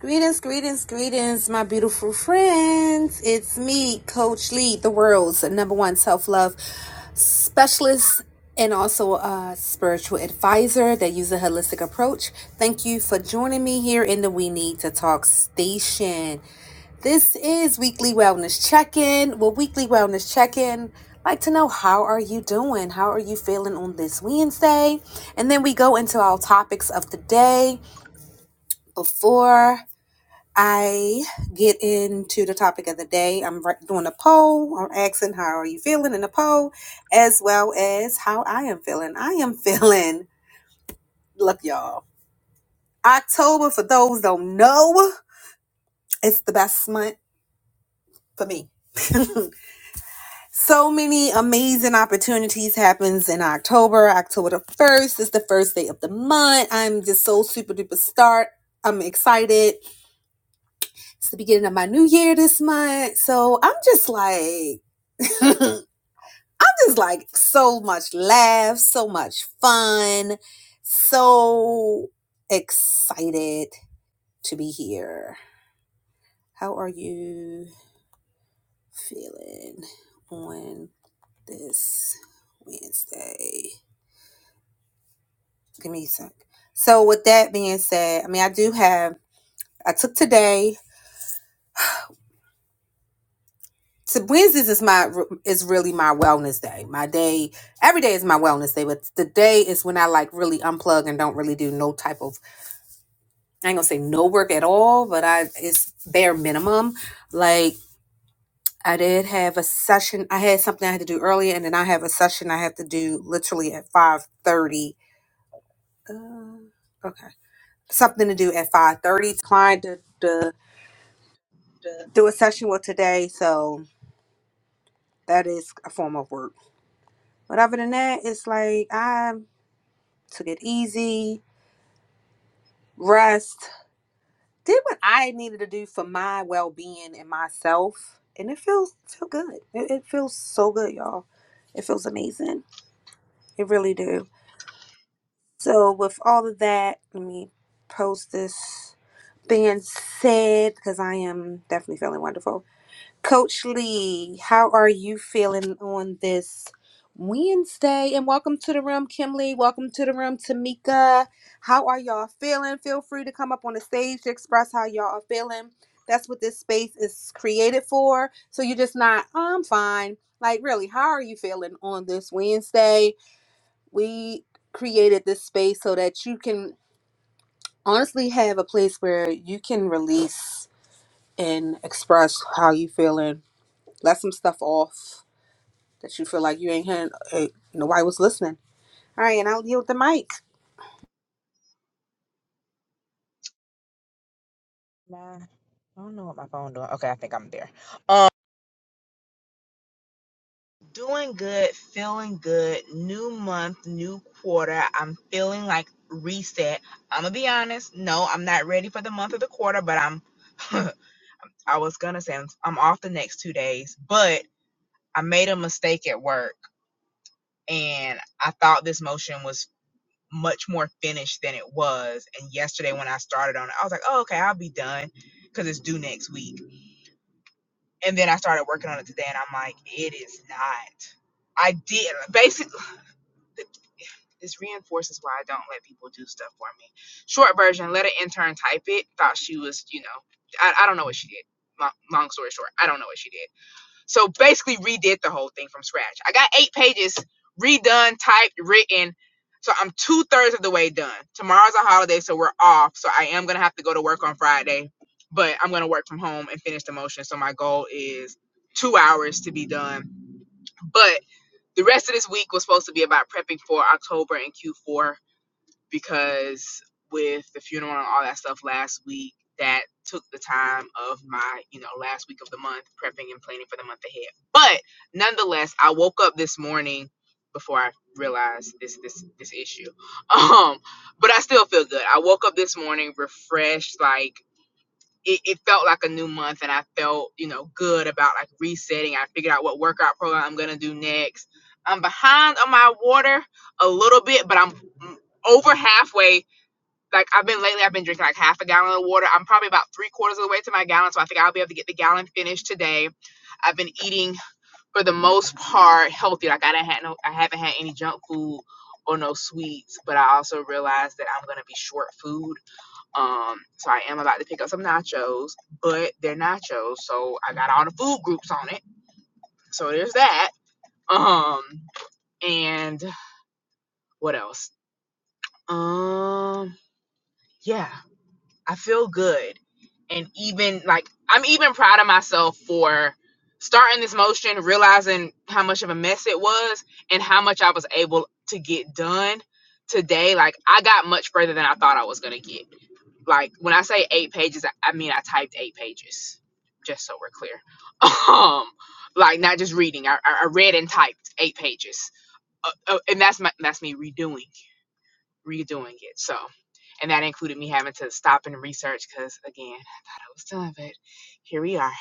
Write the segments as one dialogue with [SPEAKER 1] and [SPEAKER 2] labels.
[SPEAKER 1] Greetings, greetings, greetings, my beautiful friends. It's me, Coach Lee, the world's number one self love specialist and also a spiritual advisor that uses a holistic approach. Thank you for joining me here in the We Need to Talk station. This is Weekly Wellness Check In. Well, Weekly Wellness Check In. Like to know how are you doing? How are you feeling on this Wednesday? And then we go into our topics of the day before I get into the topic of the day. I'm doing a poll. I'm asking how are you feeling in the poll, as well as how I am feeling. I am feeling. Look, y'all. October, for those don't know, it's the best month for me. so many amazing opportunities happens in October. October the first is the first day of the month. I'm just so super duper start. I'm excited. It's the beginning of my new year this month. So I'm just like is like so much laugh, so much fun, so excited to be here. How are you feeling on this Wednesday? Give me a sec. So, with that being said, I mean, I do have, I took today. So Wednesdays is my is really my wellness day. My day every day is my wellness day, but the day is when I like really unplug and don't really do no type of I ain't gonna say no work at all, but I it's bare minimum. Like I did have a session. I had something I had to do earlier, and then I have a session I have to do literally at five thirty. Uh, okay, something to do at five thirty. Client to, to
[SPEAKER 2] The
[SPEAKER 1] do a session with today, so that is a form of work. But other than that, it's like I took it easy, rest. did what I needed to do for my well being and myself, and it feels so good. It, it feels so good, y'all. It feels amazing. It really do. So with all of that, let me post this being said because I am definitely feeling wonderful. Coach Lee, how are you feeling on this Wednesday? And welcome to the room, Kim Lee. Welcome to the room, Tamika. How are y'all feeling? Feel free to come up on the stage to express how y'all are feeling. That's what this space is created for. So you're just not, "Oh, I'm fine. Like, really, how are you feeling on this Wednesday? We created this space so that you can honestly have a place where you can release and express how you feeling let some stuff off that you feel like you ain't hearing uh, nobody was listening. All right, and I'll yield the mic.
[SPEAKER 2] My, I don't know what my phone doing. Okay, I think I'm there. Um, doing good, feeling good, new month, new quarter. I'm feeling like reset. I'm gonna be honest. No, I'm not ready for the month or the quarter, but I'm. I was gonna say I'm, I'm off the next two days, but I made a mistake at work, and I thought this motion was much more finished than it was. And yesterday when I started on it, I was like, "Oh, okay, I'll be done," because it's due next week. And then I started working on it today, and I'm like, it is not. I did basically. This reinforces why I don't let people do stuff for me. Short version: let an intern type it. Thought she was, you know, I, I don't know what she did. Long, long story short, I don't know what she did so basically redid the whole thing from scratch. I got eight pages redone, typed, written. So I'm two thirds of the way done. Tomorrow's a holiday, so we're off. So I am gonna have to go to work on Friday, but I'm gonna work from home and finish the motion. So my goal is two hours to be done. But the rest of this week was supposed to be about prepping for October and Q4 because with the funeral and all that stuff last week, that took the time of my, you know, last week of the month, prepping and planning for the month ahead. But nonetheless, I woke up this morning before I realized this this this issue. Um, but I still feel good. I woke up this morning refreshed, like it, it felt like a new month and I felt, you know, good about like resetting. I figured out what workout program I'm going to do next. I'm behind on my water a little bit, but I'm mm, over halfway. Like I've been lately, I've been drinking like half a gallon of water. I'm probably about three quarters of the way to my gallon. So I think I'll be able to get the gallon finished today. I've been eating for the most part healthy. Like I didn't had no, I haven't had any junk food or no sweets, but I also realized that I'm going to be short food um, so I am about to pick up some nachos, but they're nachos, so I got all the food groups on it. So there's that. Um, and what else? Um, yeah, I feel good. And even like I'm even proud of myself for starting this motion, realizing how much of a mess it was and how much I was able to get done today. Like I got much further than I thought I was gonna get. Like when I say eight pages, I, I mean I typed eight pages, just so we're clear. Um, like not just reading. I, I I read and typed eight pages, uh, uh, and that's my that's me redoing redoing it. So, and that included me having to stop and research because again, I thought I was done, but here we are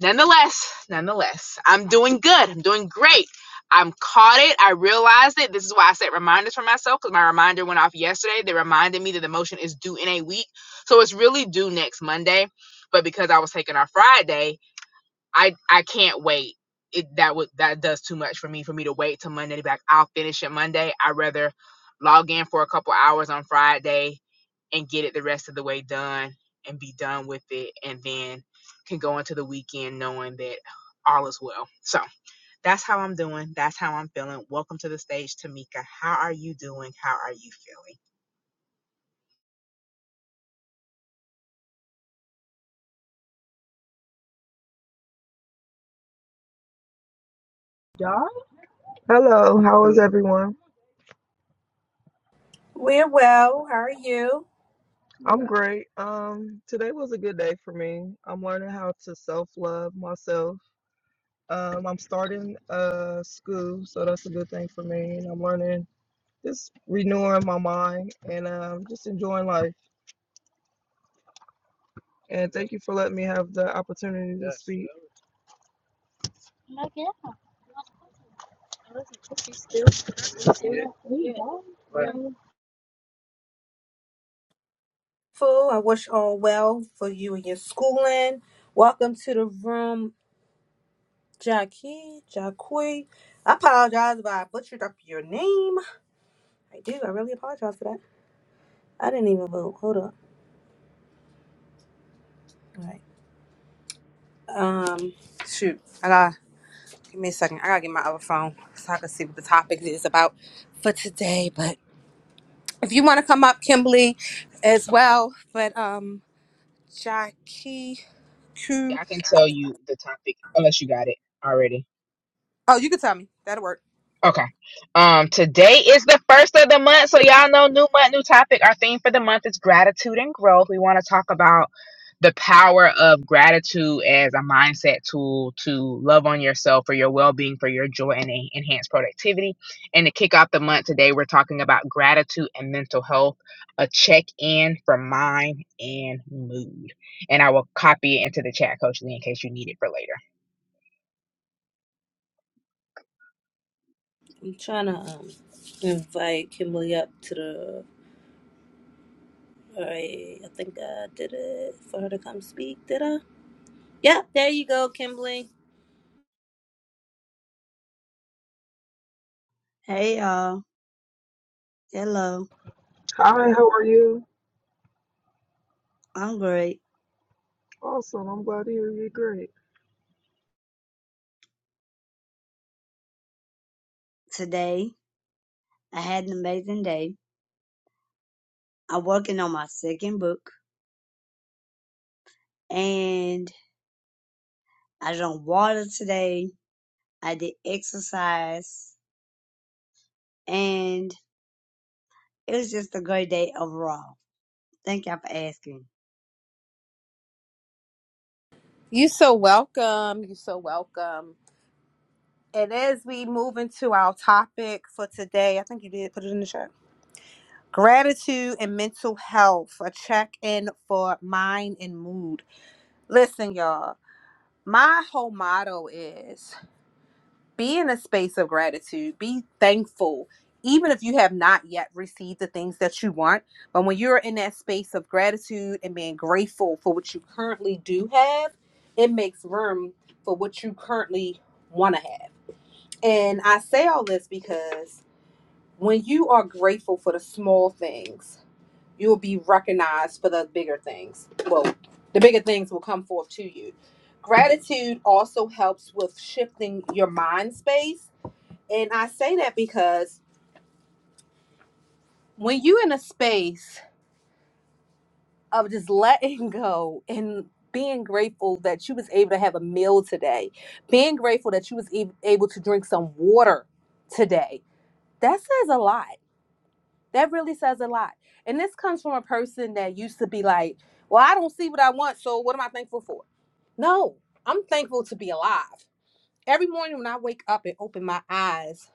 [SPEAKER 2] nonetheless, nonetheless, I'm doing good. I'm doing great. I'm caught it. I realized it. This is why I set reminders for myself because my reminder went off yesterday. They reminded me that the motion is due in a week. So it's really due next Monday. But because I was taking off Friday, I I can't wait. It that would that does too much for me for me to wait till Monday to be like, I'll finish it Monday. I'd rather log in for a couple hours on Friday, and get it the rest of the way done and be done with it and then can go into the weekend knowing that all is well. So that's how I'm doing. That's how I'm feeling. Welcome to the stage, Tamika. How are you doing? How are you feeling?
[SPEAKER 3] Y'all? Hello, how is everyone?
[SPEAKER 1] We're well. How are you?
[SPEAKER 3] I'm great. Um, today was a good day for me. I'm learning how to self-love myself. Um, I'm starting uh school, so that's a good thing for me. And I'm learning just renewing my mind and um just enjoying life. And thank you for letting me have the opportunity to speak.
[SPEAKER 1] Fool, I wish all well for you and your schooling. Welcome to the room, Jackie, Jacqui. I apologize if I butchered up your name. I do. I really apologize for that. I didn't even vote. Hold up. All right. Um, shoot. I gotta give me a second. I gotta get my other phone so I can see what the topic is about for today. But If you want to come up, Kimberly, as well. But um, Jackie Q.
[SPEAKER 2] Yeah, I can tell you the topic unless you got it already.
[SPEAKER 1] Oh, you can tell me. That'll work.
[SPEAKER 2] Okay. Um, today is the first of the month, so y'all know new month, new topic. Our theme for the month is gratitude and growth. We want to talk about the power of gratitude as a mindset tool to love on yourself for your well-being, for your joy, and en- enhance productivity. And to kick off the month today, we're talking about gratitude and mental health, a check-in for mind and mood. And I will copy it into the chat, Coach Lee, in case you need it for later
[SPEAKER 1] I'm trying to um, invite Kimberly up to the. All right, I think I did it for her to come speak. Did I? Yeah, there you go, Kimberly.
[SPEAKER 4] Hey y'all. Hello.
[SPEAKER 3] Hi, how are you?
[SPEAKER 4] I'm great.
[SPEAKER 3] Awesome. I'm glad to hear you're great.
[SPEAKER 4] Today I had an amazing day. I'm working on my second book and I drank water today. I did exercise and it was just a great day overall. Thank y'all for asking.
[SPEAKER 1] You so welcome. You so welcome. And as we move into our topic for today, I think you did put it in the chat. Gratitude and mental health, a check in for mind and mood. Listen, y'all. my whole motto is be in a space of gratitude, be thankful, even if you have not yet received the things that you want. But when you're in that space of gratitude and being grateful for what you currently do have, it makes room for what you currently want to have. And I say all this because when you are grateful for the small things, you will be recognized for the bigger things. Well, the bigger things will come forth to you. Gratitude also helps with shifting your mind space. And I say that because when you're in a space of just letting go and being grateful that you was able to have a meal today, being grateful that you was e- able to drink some water today, that says a lot. That really says a lot. And this comes from a person that used to be like, well, I don't see what I want, so what am I thankful for? No, I'm thankful to be alive. Every morning when I wake up and open my eyes,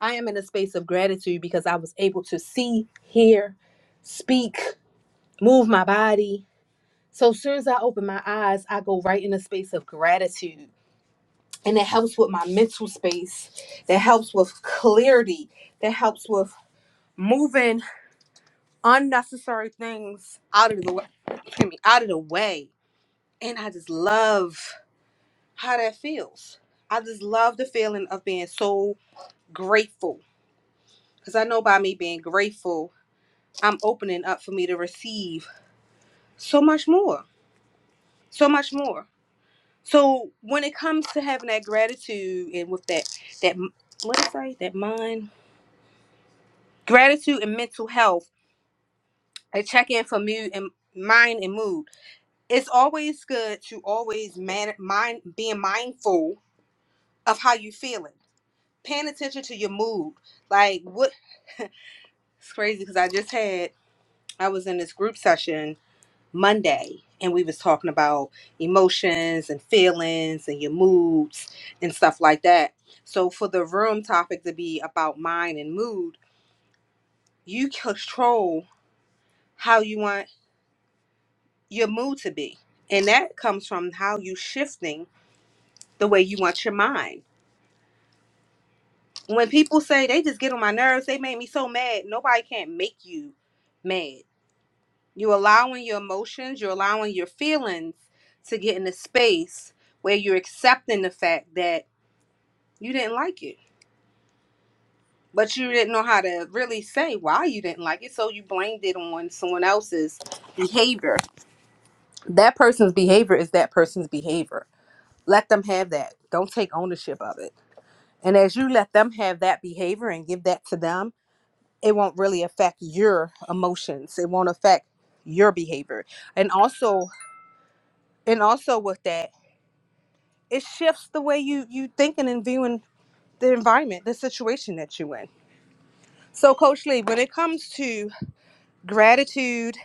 [SPEAKER 1] I am in a space of gratitude because I was able to see, hear, speak, move my body. So as soon as I open my eyes, I go right in a space of gratitude. And it helps with my mental space, that helps with clarity, that helps with moving unnecessary things out of the way, excuse me, out of the way. And I just love how that feels. I just love the feeling of being so grateful because I know by me being grateful, I'm opening up for me to receive so much more, so much more. So when it comes to having that gratitude and with that that what is that that mind gratitude and mental health, a check in for mood and mind and mood. It's always good to always man mind being mindful of how you feeling, paying attention to your mood. Like what It's crazy because I just had I was in this group session Monday and we was talking about emotions and feelings and your moods and stuff like that. So for the room topic to be about mind and mood, you control how you want your mood to be. And that comes from how you shifting the way you want your mind. When people say they just get on my nerves, they make me so mad, nobody can't make you mad. You're allowing your emotions, you're allowing your feelings to get in a space where you're accepting the fact that you didn't like it, but you didn't know how to really say why you didn't like it. So you blamed it on someone else's behavior. That person's behavior is that person's behavior. Let them have that. Don't take ownership of it. And as you let them have that behavior and give that to them, it won't really affect your emotions. It won't affect your behavior. And also, and also with that, it shifts the way you you thinking and viewing the environment, the situation that you're in. So, Coach Lee, when it comes to gratitude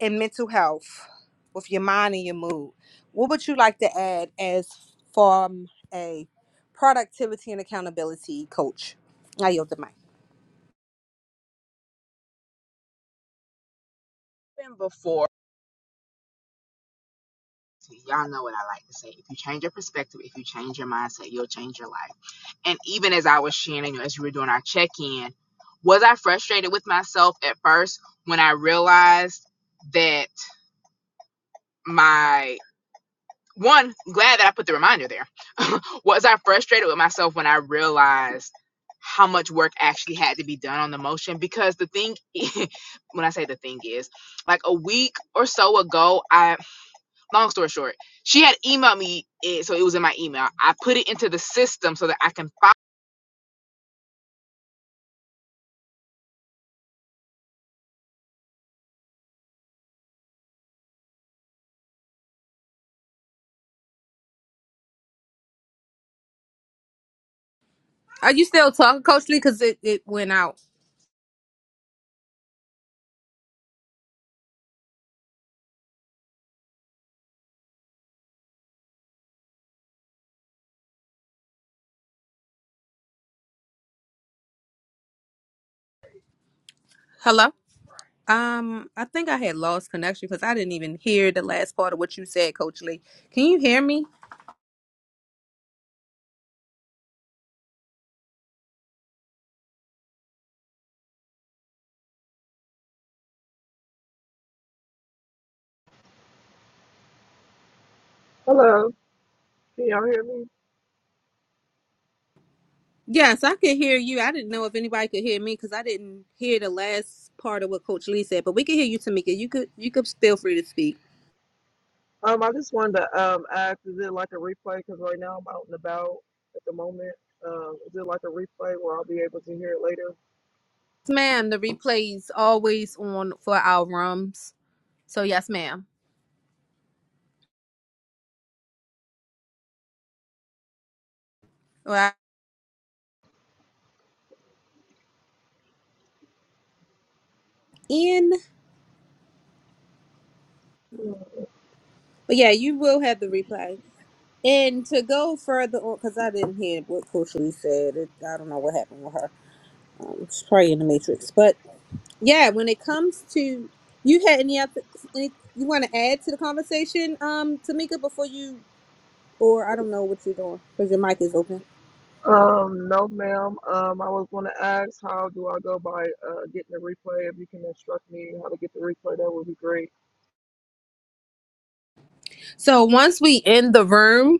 [SPEAKER 1] and mental health with your mind and your mood, what would you like to add as from a productivity and accountability coach? I yield the mic.
[SPEAKER 2] been before. Y'all know what I like to say. If you change your perspective, if you change your mindset, you'll change your life. And even as I was sharing, you know, as we were doing our check in, was I frustrated with myself at first when I realized that my one glad that I put the reminder there. was I frustrated with myself when I realized how much work actually had to be done on the motion? Because the thing, i- when I say the thing is, like a week or so ago, I long story short, she had emailed me, eh, so it was in my email. I put it into the system so that I can.
[SPEAKER 1] Are you still talking, Coach Lee? Because it, it went out. Hello. Um, I think I had lost connection because I didn't even hear the last part of what you said, Coach Lee. Can you hear me?
[SPEAKER 3] Hello. Can y'all hear me?
[SPEAKER 1] Yes, I could hear you. I didn't know if anybody could hear me because I didn't hear the last part of what Coach Lee said, but we can hear you, Tamika. You could you could feel free to speak.
[SPEAKER 3] Um, I just wanted to um ask, is it like a replay? Because right now I'm out and about at the moment. Um, is it like a replay where I'll be able to hear it later?
[SPEAKER 1] Yes, ma'am. The replay's always on for our rooms. So yes, ma'am. All right. In but yeah, you will have the replay. And to go further on, because I didn't hear what Coach Lee said. It, I don't know what happened with her. Um, she's probably in the matrix. But yeah, when it comes to you had any other any you want to add to the conversation, um, Tamika, before you Or I don't know what you're doing because your mic is open.
[SPEAKER 3] Um, no, ma'am. Um, I was going to ask, how do I go by uh getting the replay? If you can instruct me how to get the replay, that would be great.
[SPEAKER 1] So once we in the room,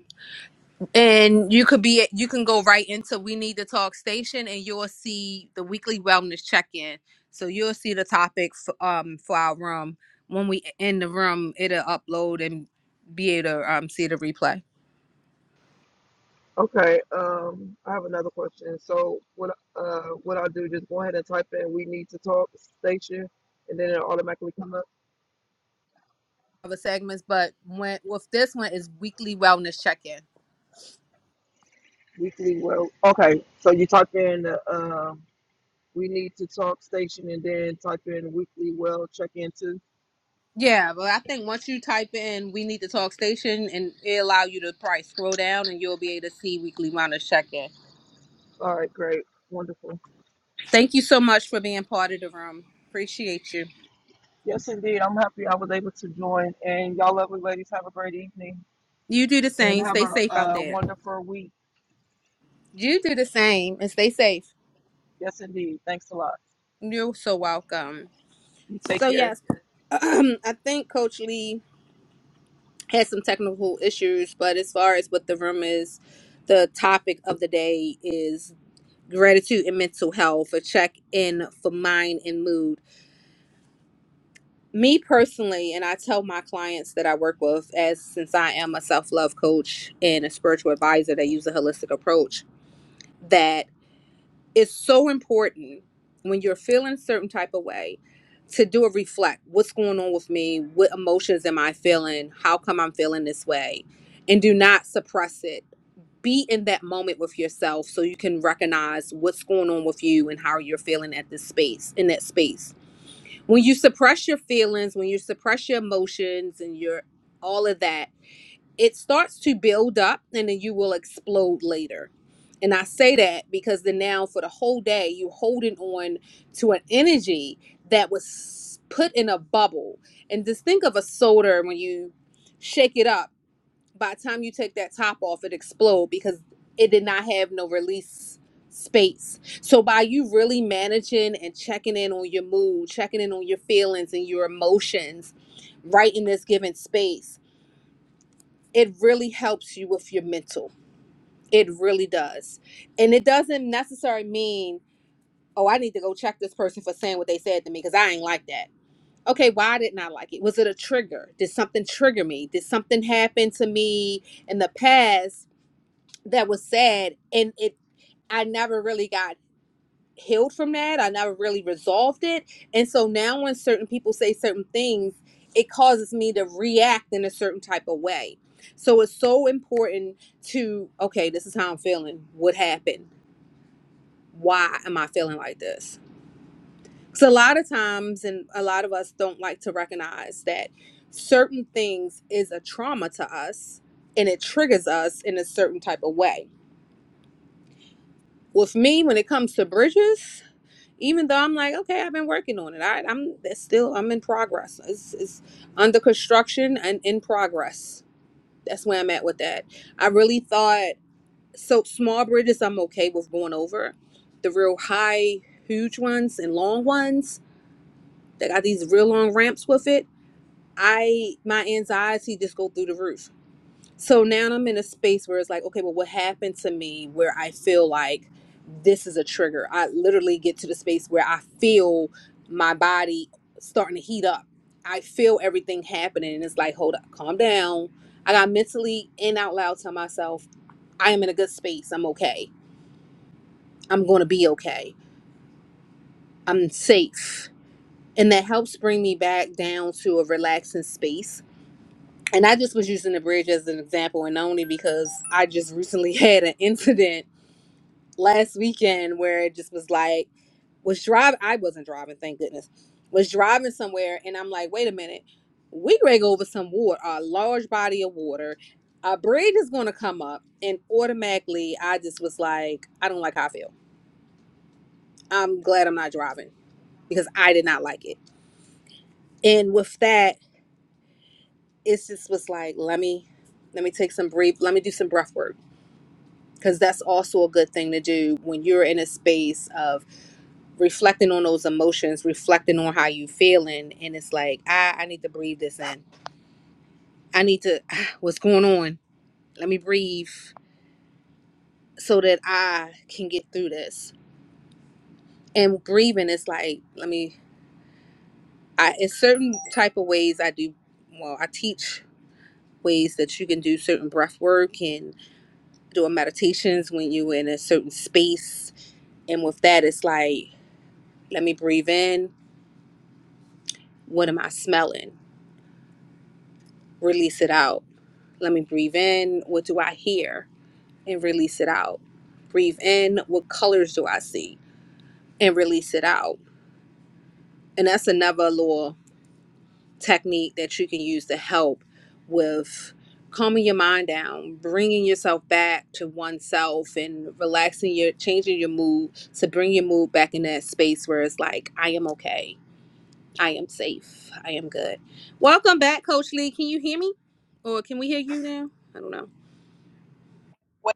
[SPEAKER 1] and you could be, you can go right into we need to talk station, and you'll see the weekly wellness check in. So you'll see the topic f- um for our room when we in the room. It'll upload and be able to um see the replay
[SPEAKER 3] Okay. Um, I have another question. So what uh what I do? Just go ahead and type in "We Need to Talk" station, and then it automatically come up
[SPEAKER 1] of the segments. But when with this one is weekly wellness check in.
[SPEAKER 3] weekly. Well, okay. So you type in the um. We need to talk station and then type in weekly well check in too.
[SPEAKER 1] Yeah, but I think once you type in we need to talk station, and it allow you to probably scroll down, and you'll be able to see weekly wellness check in.
[SPEAKER 3] All right, great. Wonderful.
[SPEAKER 1] Thank you so much for being part of the room. Appreciate you.
[SPEAKER 3] Yes, indeed. I'm happy I was able to join. And y'all lovely ladies, have a great evening
[SPEAKER 1] You do the
[SPEAKER 3] and
[SPEAKER 1] same.
[SPEAKER 3] have
[SPEAKER 1] Stay
[SPEAKER 3] a,
[SPEAKER 1] safe out
[SPEAKER 3] a
[SPEAKER 1] there.
[SPEAKER 3] wonderful week.
[SPEAKER 1] You do the same and stay safe.
[SPEAKER 3] Yes, indeed. Thanks a lot.
[SPEAKER 1] You're so welcome.
[SPEAKER 3] You take
[SPEAKER 1] So,
[SPEAKER 3] care.
[SPEAKER 1] yes, I think Coach Lee had some technical issues, but as far as what the room is, the topic of the day is gratitude and mental health, a check in for mind and mood. Me personally, and I tell my clients that I work with, as since I am a self love coach and a spiritual advisor that use a holistic approach that it's so important when you're feeling a certain type of way to do a reflect what's going on with me what emotions am i feeling how come i'm feeling this way and do not suppress it be in that moment with yourself so you can recognize what's going on with you and how you're feeling at this space in that space when you suppress your feelings when you suppress your emotions and your all of that it starts to build up and then you will explode later. And I say that because then now for the whole day you're holding on to an energy that was put in a bubble. And just think of a soda when you shake it up. By the time you take that top off, it explodes because it did not have no release space. So by you really managing and checking in on your mood, checking in on your feelings and your emotions, right in this given space it really helps you with your mental. It really does. And it doesn't necessarily mean, oh, I need to go check this person for saying what they said to me because I ain't like that. Okay, why didn't I like it? Was it a trigger? Did something trigger me? Did something happen to me in the past that was sad and it I never really got healed from that. I never really resolved it. And so now when certain people say certain things, it causes me to react in a certain type of way. So it's so important to, okay, this is how I'm feeling. What happened? Why am I feeling like this? Because a lot of times, and a lot of us don't like to recognize that certain things is a trauma to us and it triggers us in a certain type of way. With me, when it comes to bridges, even though I'm like, okay, I've been working on it. I, I'm that's still, I'm in progress. It's, it's under construction and in progress. That's where I'm at with that. I really thought so. Small bridges, I'm okay with going over. The real high, huge ones and long ones that got these real long ramps with it. I my anxiety just go through the roof so now I'm in a space where it's like, okay, well, what happened to me where I feel like this is a trigger? I literally get to the space where I feel my body starting to heat up. I feel everything happening. And it's like, hold up, calm down. I got mentally and out loud to myself, I am in a good space. I'm okay. I'm going to be okay. I'm safe. And that helps bring me back down to a relaxing space. And I just was using the bridge as an example, and only because I just recently had an incident last weekend where it just was like was driving I wasn't driving, thank goodness. Was driving somewhere and I'm like, wait a minute, we going to go over some water, a large body of water. A bridge is gonna come up and automatically I just was like, I don't like how I feel. I'm glad I'm not driving because I did not like it. And with that, it's just was like, let me let me take some brief let me do some breath work because that's also a good thing to do when you're in a space of reflecting on those emotions, reflecting on how you feeling, and it's like, I, I need to breathe this in. I need to what's going on? Let me breathe so that I can get through this. And breathing is like, let me I in certain type of ways I do well, I teach ways that you can do certain breath work and doing meditations when you're in a certain space. And with that it's like, let me breathe in What am I smelling? Release it out. Let me breathe in. What do I hear? And release it out. Breathe in. What colors do I see? And release it out. And that's another little technique that you can use to help with calming your mind down, bringing yourself back to oneself, and relaxing your, changing your mood to bring your mood back in that space where it's like, I am okay. I am safe. I am good. Welcome back, Coach Lee. Can you hear me? Or can we hear you now? I don't know.
[SPEAKER 2] Follow.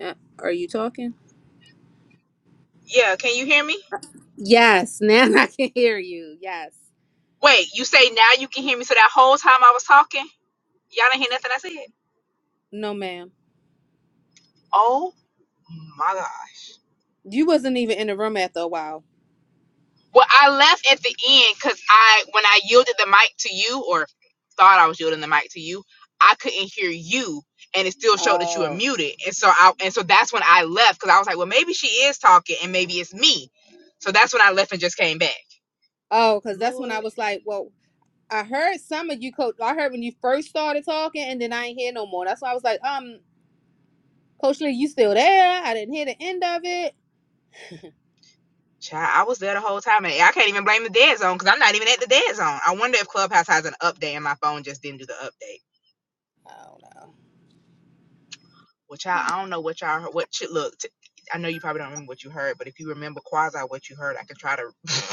[SPEAKER 1] Uh, Are you talking?
[SPEAKER 2] Yeah, can you hear me?
[SPEAKER 1] Yes, now I can hear you. Yes.
[SPEAKER 2] Wait, you say now you can hear me? So that whole time I was talking, y'all didn't hear nothing I said.
[SPEAKER 1] No, ma'am.
[SPEAKER 2] Oh my gosh.
[SPEAKER 1] You wasn't even in the room after a while.
[SPEAKER 2] Well, I left at the end because I, when I yielded the mic to you, or thought I was yielding the mic to you, I couldn't hear you, and it still showed that you were
[SPEAKER 1] Oh.
[SPEAKER 2] muted. And so I, and so that's when I left because I was like, well, maybe she is talking, and maybe it's me. So that's when I left and just came back.
[SPEAKER 1] Oh, because that's when
[SPEAKER 2] Lord,
[SPEAKER 1] I was like, well, I heard some of you, Coach. I heard when you first started talking, and then I ain't hear no more. That's why I was like, um, Coach Lee, you still there? I didn't hear the end of it.
[SPEAKER 2] child, I was there the whole time, and I can't even blame the dead zone because I'm not even at the dead zone. I wonder if Clubhouse has an update, and my phone just didn't do the update.
[SPEAKER 1] I
[SPEAKER 2] Well, child, I don't know what y'all heard. What ch- look, t- I know you probably don't remember what you heard, but if you remember quasi what you heard, I can try to.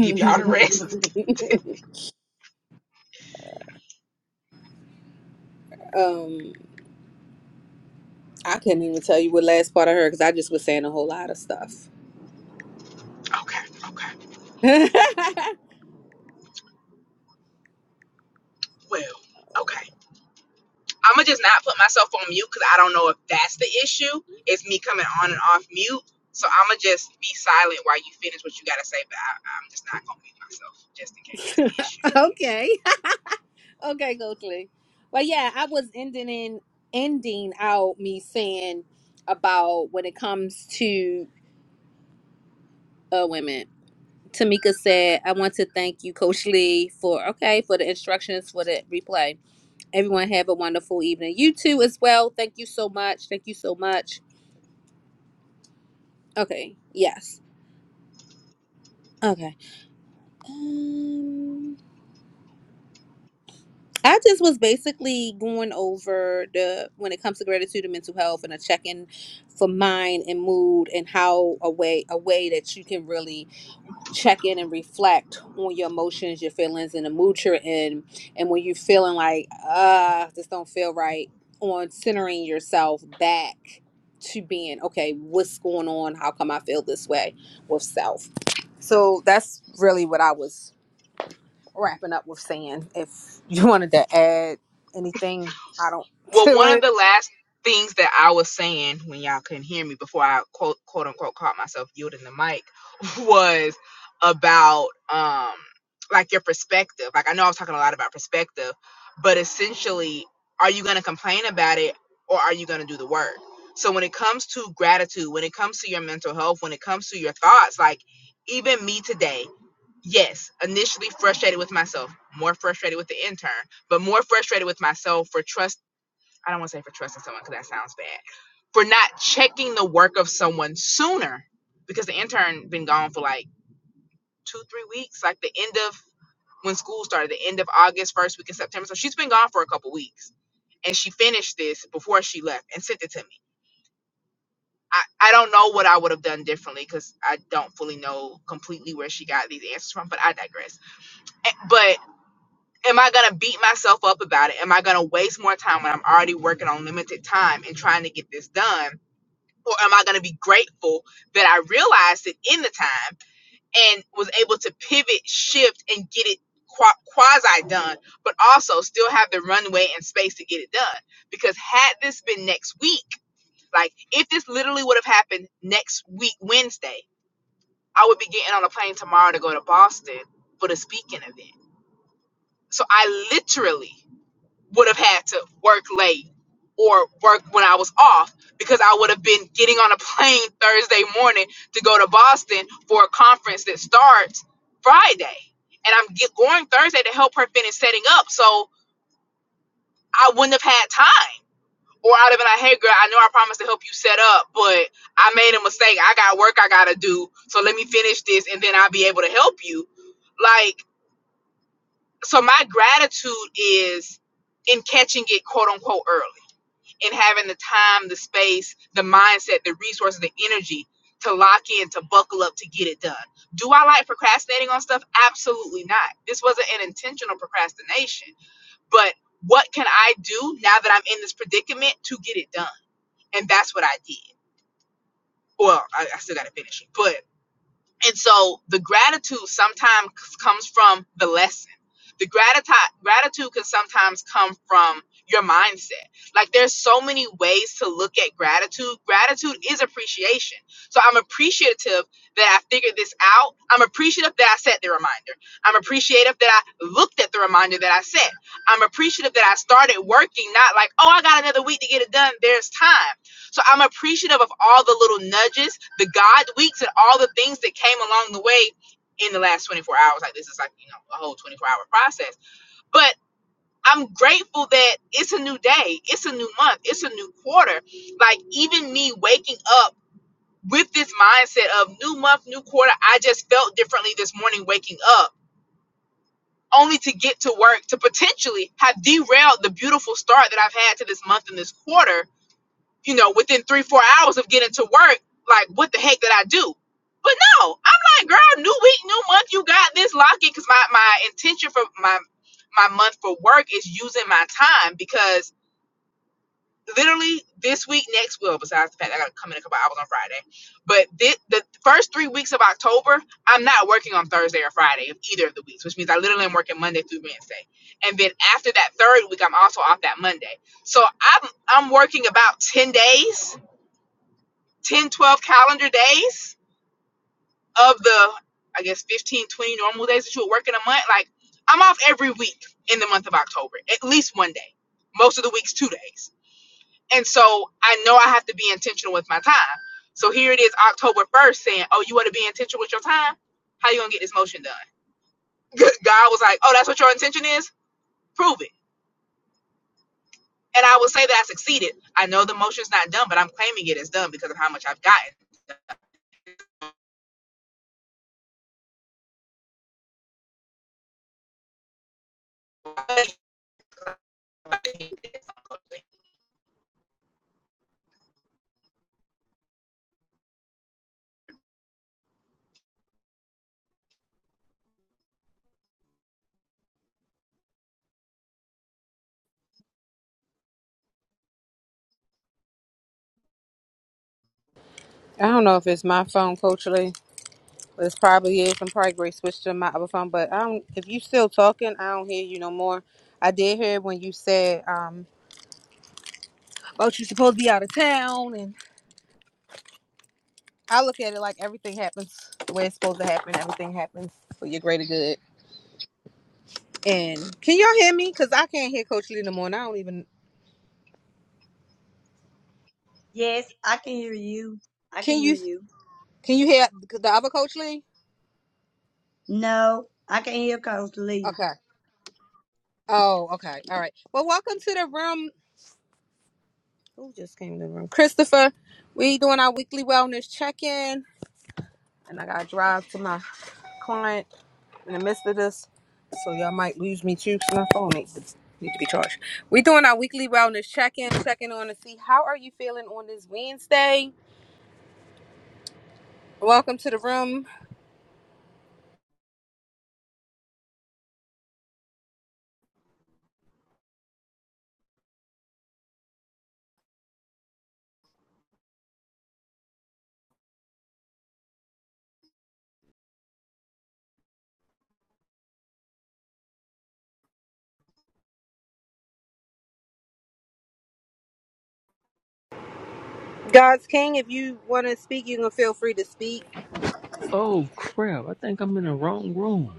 [SPEAKER 2] give y'all the rest.
[SPEAKER 1] know. um, I couldn't even tell you what last part I heard because I just was saying a whole lot of stuff.
[SPEAKER 2] Okay, okay. Well, okay. I'ma just not put myself on mute because I don't know if that's the issue. It's me coming on and off mute. So I'ma just be silent while you finish what you gotta say, but I, I'm just not gonna mute myself just in case that's the issue.
[SPEAKER 1] okay. Okay, Coach Lee. But yeah, I was ending in ending out me saying about when it comes to uh women. Tamika said, I want to thank you, Coach Lee, for okay, for the instructions for the replay. Everyone have a wonderful evening. You too as well. Thank you so much. Thank you so much. Okay. Yes. Okay. Um, I just was basically going over the when it comes to gratitude and mental health and a check-in for mind and mood and how a way a way that you can really check in and reflect on your emotions, your feelings, and the mood you're in, and when you're feeling like uh this don't feel right, on centering yourself back to being okay. What's going on? How come I feel this way with self? So that's really what I was wrapping up with saying if you wanted to add anything I don't
[SPEAKER 2] Well,
[SPEAKER 1] to
[SPEAKER 2] one of
[SPEAKER 1] it.
[SPEAKER 2] the last things that I was saying when y'all couldn't hear me before I quote quote unquote caught myself yielding the mic was about um like your perspective. Like I know I was talking a lot about perspective, but essentially, are you gonna complain about it or are you gonna do the work? So when it comes to gratitude, when it comes to your mental health, when it comes to your thoughts, like even me today, yes, initially frustrated with myself, more frustrated with the intern, but more frustrated with myself for trust. I don't want to say for trusting someone because that sounds bad. For not checking the work of someone sooner because the intern been gone for like two, three weeks, like the end of when school started, the end of August, first week of September. So she's been gone for a couple weeks. And she finished this before she left and sent it to me. I, I don't know what I would have done differently because I don't fully know completely where she got these answers from, but I digress. Eh, But am I gonna beat myself up about it? Am I gonna waste more time when I'm already working on limited time and trying to get this done? or am I going to be grateful that I realized it in the time and was able to pivot, shift, and get it qua- quasi done, but also still have the runway and space to get it done? Because had this been next week, like if this literally would have happened next week, Wednesday, I would be getting on a plane tomorrow to go to Boston for the speaking event. So I literally would have had to work late or work when I was off because I would have been getting on a plane Thursday morning to go to Boston for a conference that starts Friday. And I'm get, going Thursday to help her finish setting up. So I wouldn't have had time. Or I'd have been like, hey, girl, I know I promised to help you set up, but I made a mistake. I got work I got to do. So let me finish this and then I'll be able to help you. Like, so my gratitude is in catching it quote unquote early and having the time, the space, the mindset, the resources, the energy to lock in, to buckle up, to get it done. Do I like procrastinating on stuff? Absolutely not. This wasn't an intentional procrastination, but what can I do now that I'm in this predicament to get it done? And that's what I did. Well, I, I still got to finish it, but. And so the gratitude sometimes comes from the lesson. The gratitude gratitude can sometimes come from your mindset. Like there's so many ways to look at gratitude. Gratitude is appreciation. So I'm appreciative that I figured this out. I'm appreciative that I set the reminder. I'm appreciative that I looked at the reminder that I set. I'm appreciative that I started working, not like, oh, I got another week to get it done. There's time. So I'm appreciative of all the little nudges, the God weeks, and all the things that came along the way in the last 24 hours. Like this is like, you know, a whole 24 hour process. But I'm grateful that it's a new day, it's a new month, it's a new quarter. Like even me waking up with this mindset of new month, new quarter, I just felt differently this morning waking up. Only to get to work to potentially have derailed the beautiful start that I've had to this month and this quarter you know, within three, four hours of getting to work, like, what the heck did I do? But no, I'm like, girl, new week, new month, you got this lock it. Cause my, my intention for my my month for work is using my time because literally this week, next well, besides the fact I gotta come in a couple hours on Friday. But this, the first three weeks of October, I'm not working on Thursday or Friday of either of the weeks, which means I literally am working Monday through Wednesday. And then after that third week, I'm also off that Monday. So I'm I'm working about 10 days 10, 12 calendar days of the, I guess, 15, 20 normal days that you would work in a month. Like, I'm off every week in the month of October, at least one day. Most of the weeks, two days. And so I know I have to be intentional with my time. So here it is, October 1st, saying, Oh, you want to be intentional with your time? How you going to get this motion done? God was like, Oh, that's what your intention is? Prove it. And I will say that I succeeded. I know the motion's not done, but I'm claiming it is done because of how much I've gotten.
[SPEAKER 1] I don't know if it's my phone culturally. It's probably is. I'm probably great switch to my other phone, but I don't if you still talking, I don't hear you no more. I did hear when you said, um, about you supposed to be out of town and I look at it like everything happens the way it's supposed to happen, everything happens for your greater good. And can y'all hear me? Cause I can't hear Coach Lee no more and I don't even
[SPEAKER 4] Yes, I can hear you. I can
[SPEAKER 1] can
[SPEAKER 4] hear
[SPEAKER 1] you
[SPEAKER 4] you.
[SPEAKER 1] can you hear the other Coach Lee?
[SPEAKER 4] No, I can hear Coach Lee.
[SPEAKER 1] Okay. Oh, okay. All right. Well, welcome to the room. Who just came in the room? Christopher. We doing our weekly wellness check-in. And I gotta drive to my client in the midst of this. So y'all might lose me too because my phone needs to, need to be charged. We doing our weekly wellness check-in, checking on to see how are you feeling on this Wednesday. Welcome to the room. God's King. If you wanna speak, you can feel free to speak.
[SPEAKER 5] Oh crap, I think I'm in the wrong room.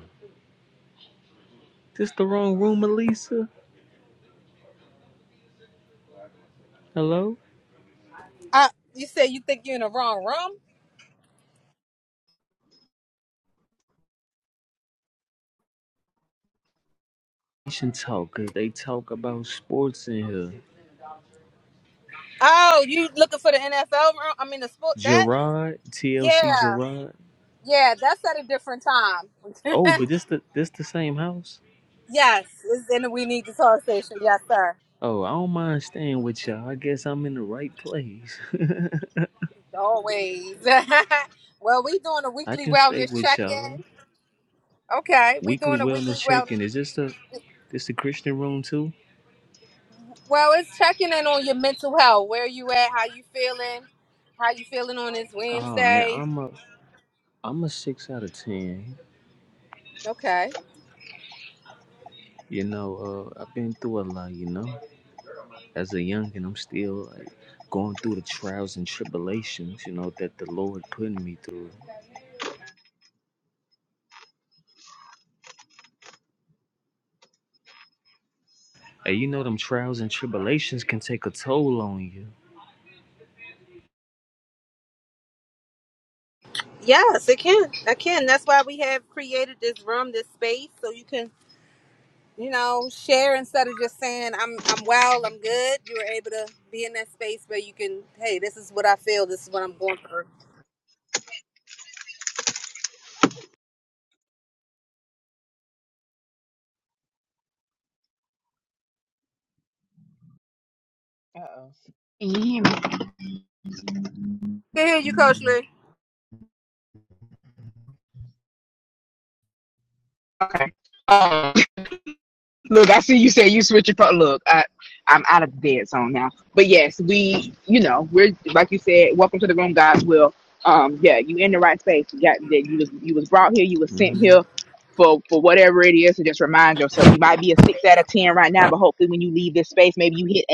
[SPEAKER 5] This the wrong room, Elisa? Hello?
[SPEAKER 1] Uh you said you think you're in the wrong room?
[SPEAKER 5] We should talk, cause they talk about sports in here.
[SPEAKER 1] Oh, you looking for the NFL room? I mean the sport that?
[SPEAKER 5] Gerard, TLC
[SPEAKER 1] Yeah.
[SPEAKER 5] Gerard.
[SPEAKER 1] Yeah, that's at a different time.
[SPEAKER 5] Oh, but this the this the same house?
[SPEAKER 1] yes, it's in the We Need to Talk station. Yes, sir.
[SPEAKER 5] Oh, I don't mind staying with y'all. I guess I'm in the right place.
[SPEAKER 1] Always. well, we doing a
[SPEAKER 5] I
[SPEAKER 1] weekly
[SPEAKER 5] can stay
[SPEAKER 1] wellness
[SPEAKER 5] with y'all.
[SPEAKER 1] check-in. Okay, we
[SPEAKER 5] Weekly
[SPEAKER 1] doing a weekly
[SPEAKER 5] wellness
[SPEAKER 1] wellness.
[SPEAKER 5] check-in. Is this the this the Christian room too?
[SPEAKER 1] Well, it's checking in on your mental health. Where you at? How you feeling? How you feeling on this
[SPEAKER 5] Oh man,
[SPEAKER 1] Wednesday?
[SPEAKER 5] I'm a I'm a six out of ten.
[SPEAKER 1] Okay.
[SPEAKER 5] You know, uh, I've been through a lot. You know, as a youngin, I'm still like going through the trials and tribulations, you know, that the Lord putting me through. And you know them trials and tribulations can take a toll on you.
[SPEAKER 1] Yes, it can. I can. That's why we have created this room, this space, so you can you know, share instead of just saying I'm I'm well, I'm good. You were able to be in that space where you can, hey, this is what I feel, this is what I'm going through.
[SPEAKER 2] Uh oh.
[SPEAKER 1] Good hear you, Coach Lee.
[SPEAKER 2] Okay. Um, look, I see you say you switch your pro- look. I, I'm out of the dead zone now, but yes, we, you know, we're like you said. Welcome to the room, God's will. Um, yeah, you in the right space. You got that. You was you was brought here. You was sent
[SPEAKER 5] hmm
[SPEAKER 2] here for for whatever it is. So just remind yourself. You might be a six out of ten right now, but hopefully when you leave this space, maybe you hit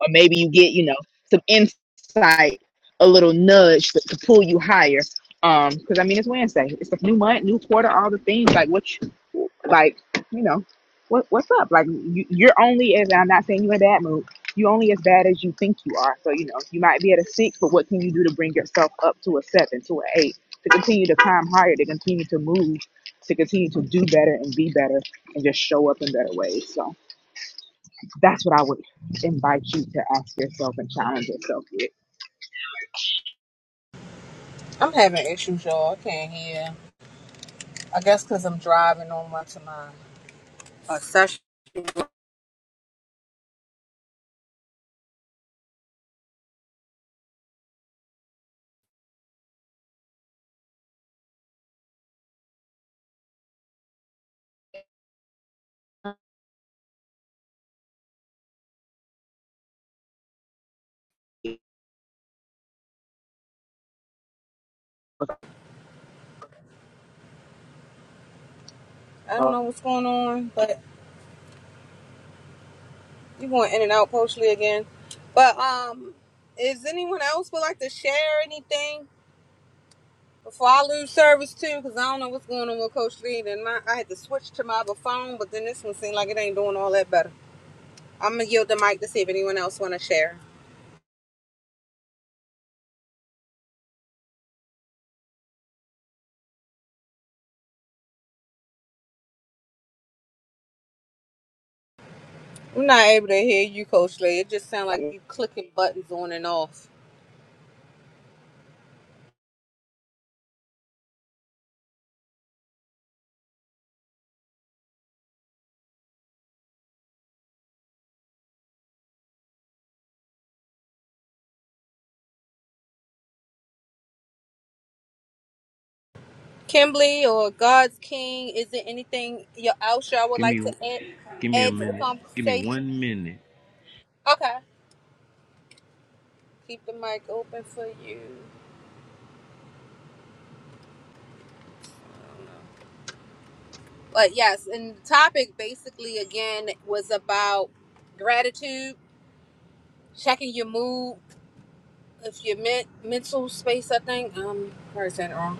[SPEAKER 2] or maybe you get you know some insight, a little nudge to, to pull you higher. Um, because I mean it's Wednesday, it's a new month, new quarter, all the things like what, you, like you know, what what's up? Like you, you're only as I'm not saying you're in a mood. You're only as bad as you think you are. So you know you might be at a six, but what can you do to bring yourself up to a seven, to an eight, to continue to climb higher, to continue to move, to continue to do better and be better, and just show up in better ways. So. That's what I would invite you to ask yourself and challenge yourself with.
[SPEAKER 6] I'm having issues, y'all. I can't hear. I guess 'cause I'm driving on my to my uh, session. I don't know what's going on, but you going in and out partially again. But um, is anyone else would like to share anything before I lose service too? 'Cause I don't know what's going on with Coach Lee. Then my, I had to switch to my other phone, but then this one seemed like it ain't doing all that better. I'm gonna yield the mic to see if anyone else want to share. I'm not able to hear you, Coach Lee. It just sounds like you clicking buttons on and off. Kimberly or God's King, is there anything your- else y'all would
[SPEAKER 5] Give
[SPEAKER 6] like to
[SPEAKER 5] me
[SPEAKER 6] add,
[SPEAKER 5] give me a
[SPEAKER 6] add to the
[SPEAKER 5] minute. Give me
[SPEAKER 6] conversation?
[SPEAKER 5] one minute.
[SPEAKER 6] Okay. Keep the mic open for you. But yes, and the topic basically again was about gratitude, checking your mood, if your men- mental space, I think. Um, I probably saying it wrong.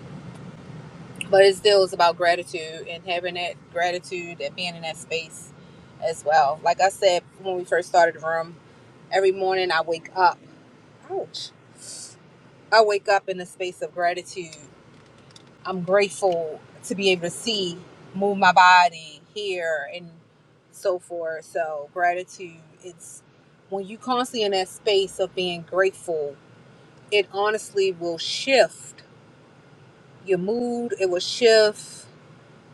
[SPEAKER 6] But it still is about gratitude and having that gratitude and being in that space as well. Like I said when we first started the room, every morning I wake up. Ouch. I wake up in a space of gratitude. I'm grateful to be able to see, move my body, hear, and so forth. So, gratitude, it's when you constantly in that space of being grateful, it honestly will shift your mood, it will shift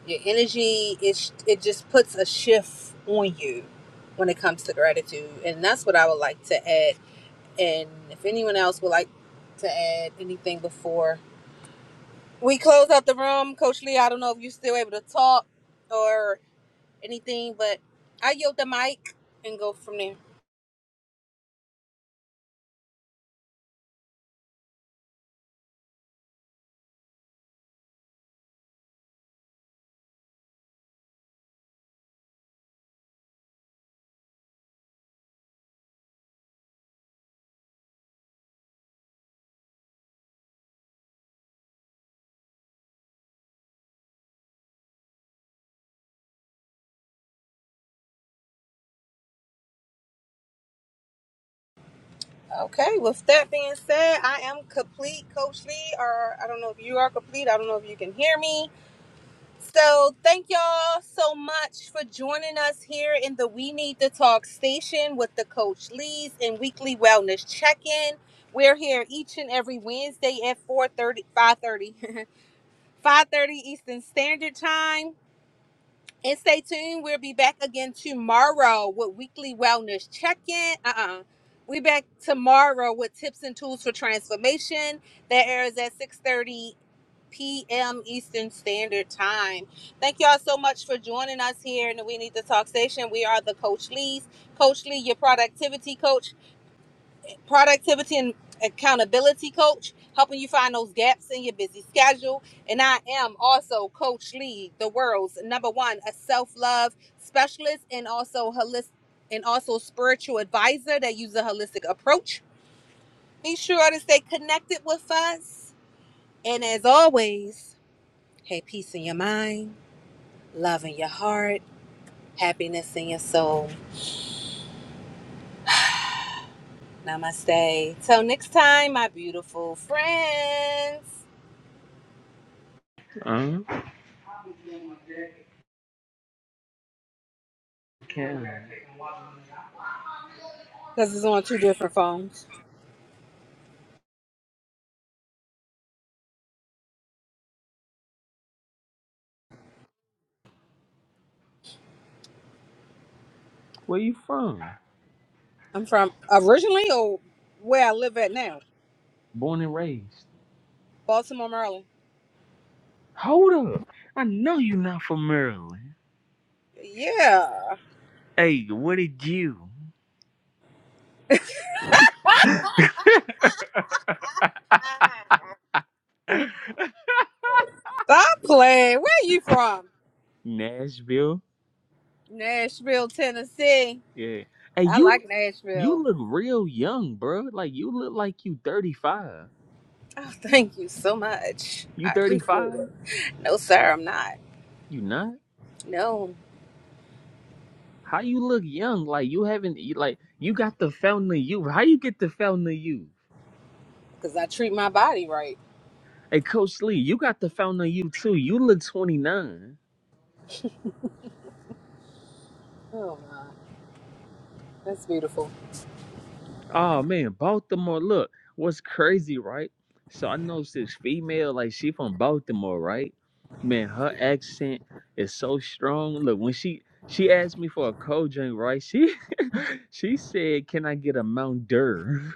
[SPEAKER 6] your energy. It, sh- it just puts a shift on you when it comes to gratitude. And that's what I would like to add. And if anyone else would like to add anything before we close out the room. Coach Lee, I don't know if you're still able to talk or anything, but I yield the mic and go from there. Okay, with that being said, I am complete, Coach Lee, or I don't know if you are complete. I don't know if you can hear me. So, thank y'all so much for joining us here in the We Need to Talk station with the Coach Lee's and weekly wellness check in. We're here each and every Wednesday at four thirty, five thirty, 5 thirty Eastern Standard Time And stay tuned. We'll be back again tomorrow with weekly wellness check-in. Uh-uh. We back tomorrow with tips and tools for transformation. That airs at 6:30 p.m. Eastern Standard Time. Thank y'all so much for joining us here in the We Need to Talk station. We are the Coach Lee's. Coach Lee, your productivity coach productivity and accountability coach, helping you find those gaps in your busy schedule. And I am also Coach Lee, the world's number one a self-love specialist and also holistic and also spiritual advisor that uses a holistic approach. Be sure to stay connected with us. And as always, have peace in your mind, love in your heart, happiness in your soul. Namaste. Till next time, my beautiful friends.
[SPEAKER 5] Huh? Karen.
[SPEAKER 6] because it's on two different phones.
[SPEAKER 5] Where you from?
[SPEAKER 6] I'm from originally or where I live at now,
[SPEAKER 5] Born and raised.
[SPEAKER 6] Baltimore, Maryland.
[SPEAKER 5] Hold up. I know you're not from Maryland.
[SPEAKER 6] Yeah.
[SPEAKER 5] Hey, what did you?
[SPEAKER 6] Stop playing. Where you from?
[SPEAKER 5] Nashville.
[SPEAKER 6] Nashville, Tennessee.
[SPEAKER 5] Yeah. Hey,
[SPEAKER 6] I
[SPEAKER 5] you
[SPEAKER 6] like
[SPEAKER 5] you
[SPEAKER 6] Nashville.
[SPEAKER 5] look real young, bro. Like you look like you 35.
[SPEAKER 6] Oh, thank you so much.
[SPEAKER 5] You
[SPEAKER 6] I appreciate
[SPEAKER 5] 35?
[SPEAKER 6] it. No, sir, I'm not.
[SPEAKER 5] You not?
[SPEAKER 6] No,
[SPEAKER 5] How you look young? Like you haven't you- like you got the fountain of youth. How you get the fountain of youth?
[SPEAKER 6] because I treat my body right.
[SPEAKER 5] Hey, Coach Lee, you got the fountain of youth too. You look 29.
[SPEAKER 6] Oh, my. That's beautiful.
[SPEAKER 5] Oh man, Baltimore. Look, what's crazy, right? So I know this female, like she from Baltimore, right? Man, her accent is so strong. Look, when she she asked me for a cold drink, right? She she said, "Can I get a Mount Dur?"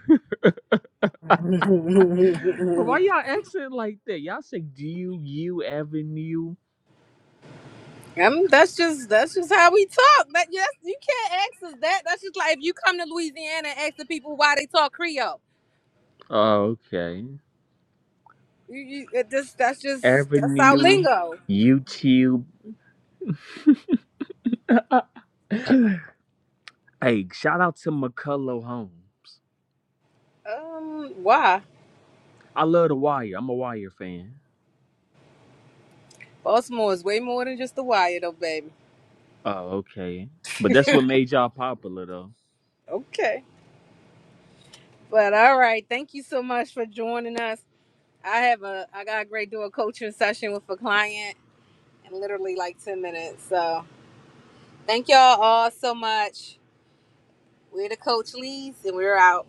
[SPEAKER 5] but why y'all accent like that? Y'all say, D U U Avenue?"
[SPEAKER 6] Um, that's just that's just how we talk. That yes, you can't ask us that. That's just like if you come to Louisiana and ask the people why they talk Creole.
[SPEAKER 5] Oh, okay,
[SPEAKER 6] You, you it just that's just that's our
[SPEAKER 5] Avenue,
[SPEAKER 6] lingo.
[SPEAKER 5] YouTube. Hey, shout out to McCullough Holmes.
[SPEAKER 6] Um, why?
[SPEAKER 5] I love the Wire. I'm a Wire fan.
[SPEAKER 6] Baltimore is way more than just the wire, though, baby.
[SPEAKER 5] Oh, okay. But that's what made y'all popular, though.
[SPEAKER 6] Okay, but all right. Thank you so much for joining us. I have a I got a great dual coaching session with a client in literally like ten minutes. So thank y'all all so much. We're the Coach Leads, and we're out.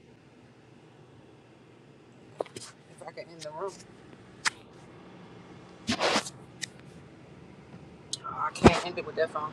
[SPEAKER 6] If I can end the room. I can't end it with that phone.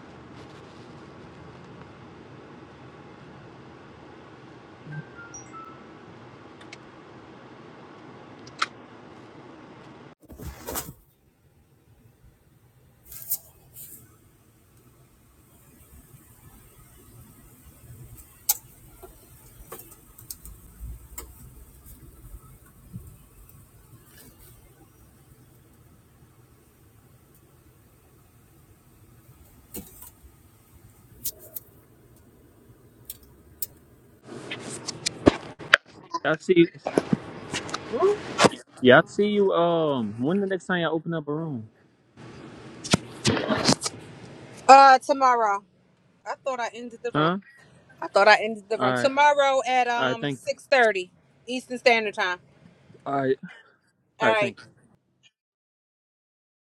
[SPEAKER 5] I see. Yeah, I see you. Um, when the next time y'all open up a room?
[SPEAKER 6] Uh, tomorrow. I thought I ended the room.
[SPEAKER 5] Huh?
[SPEAKER 6] I thought I ended the room
[SPEAKER 5] All right.
[SPEAKER 6] tomorrow at
[SPEAKER 5] All right.
[SPEAKER 6] um
[SPEAKER 5] Thank you.
[SPEAKER 6] six thirty Eastern Standard Time.
[SPEAKER 5] All right.
[SPEAKER 6] All
[SPEAKER 5] All right. Thank you.
[SPEAKER 6] right.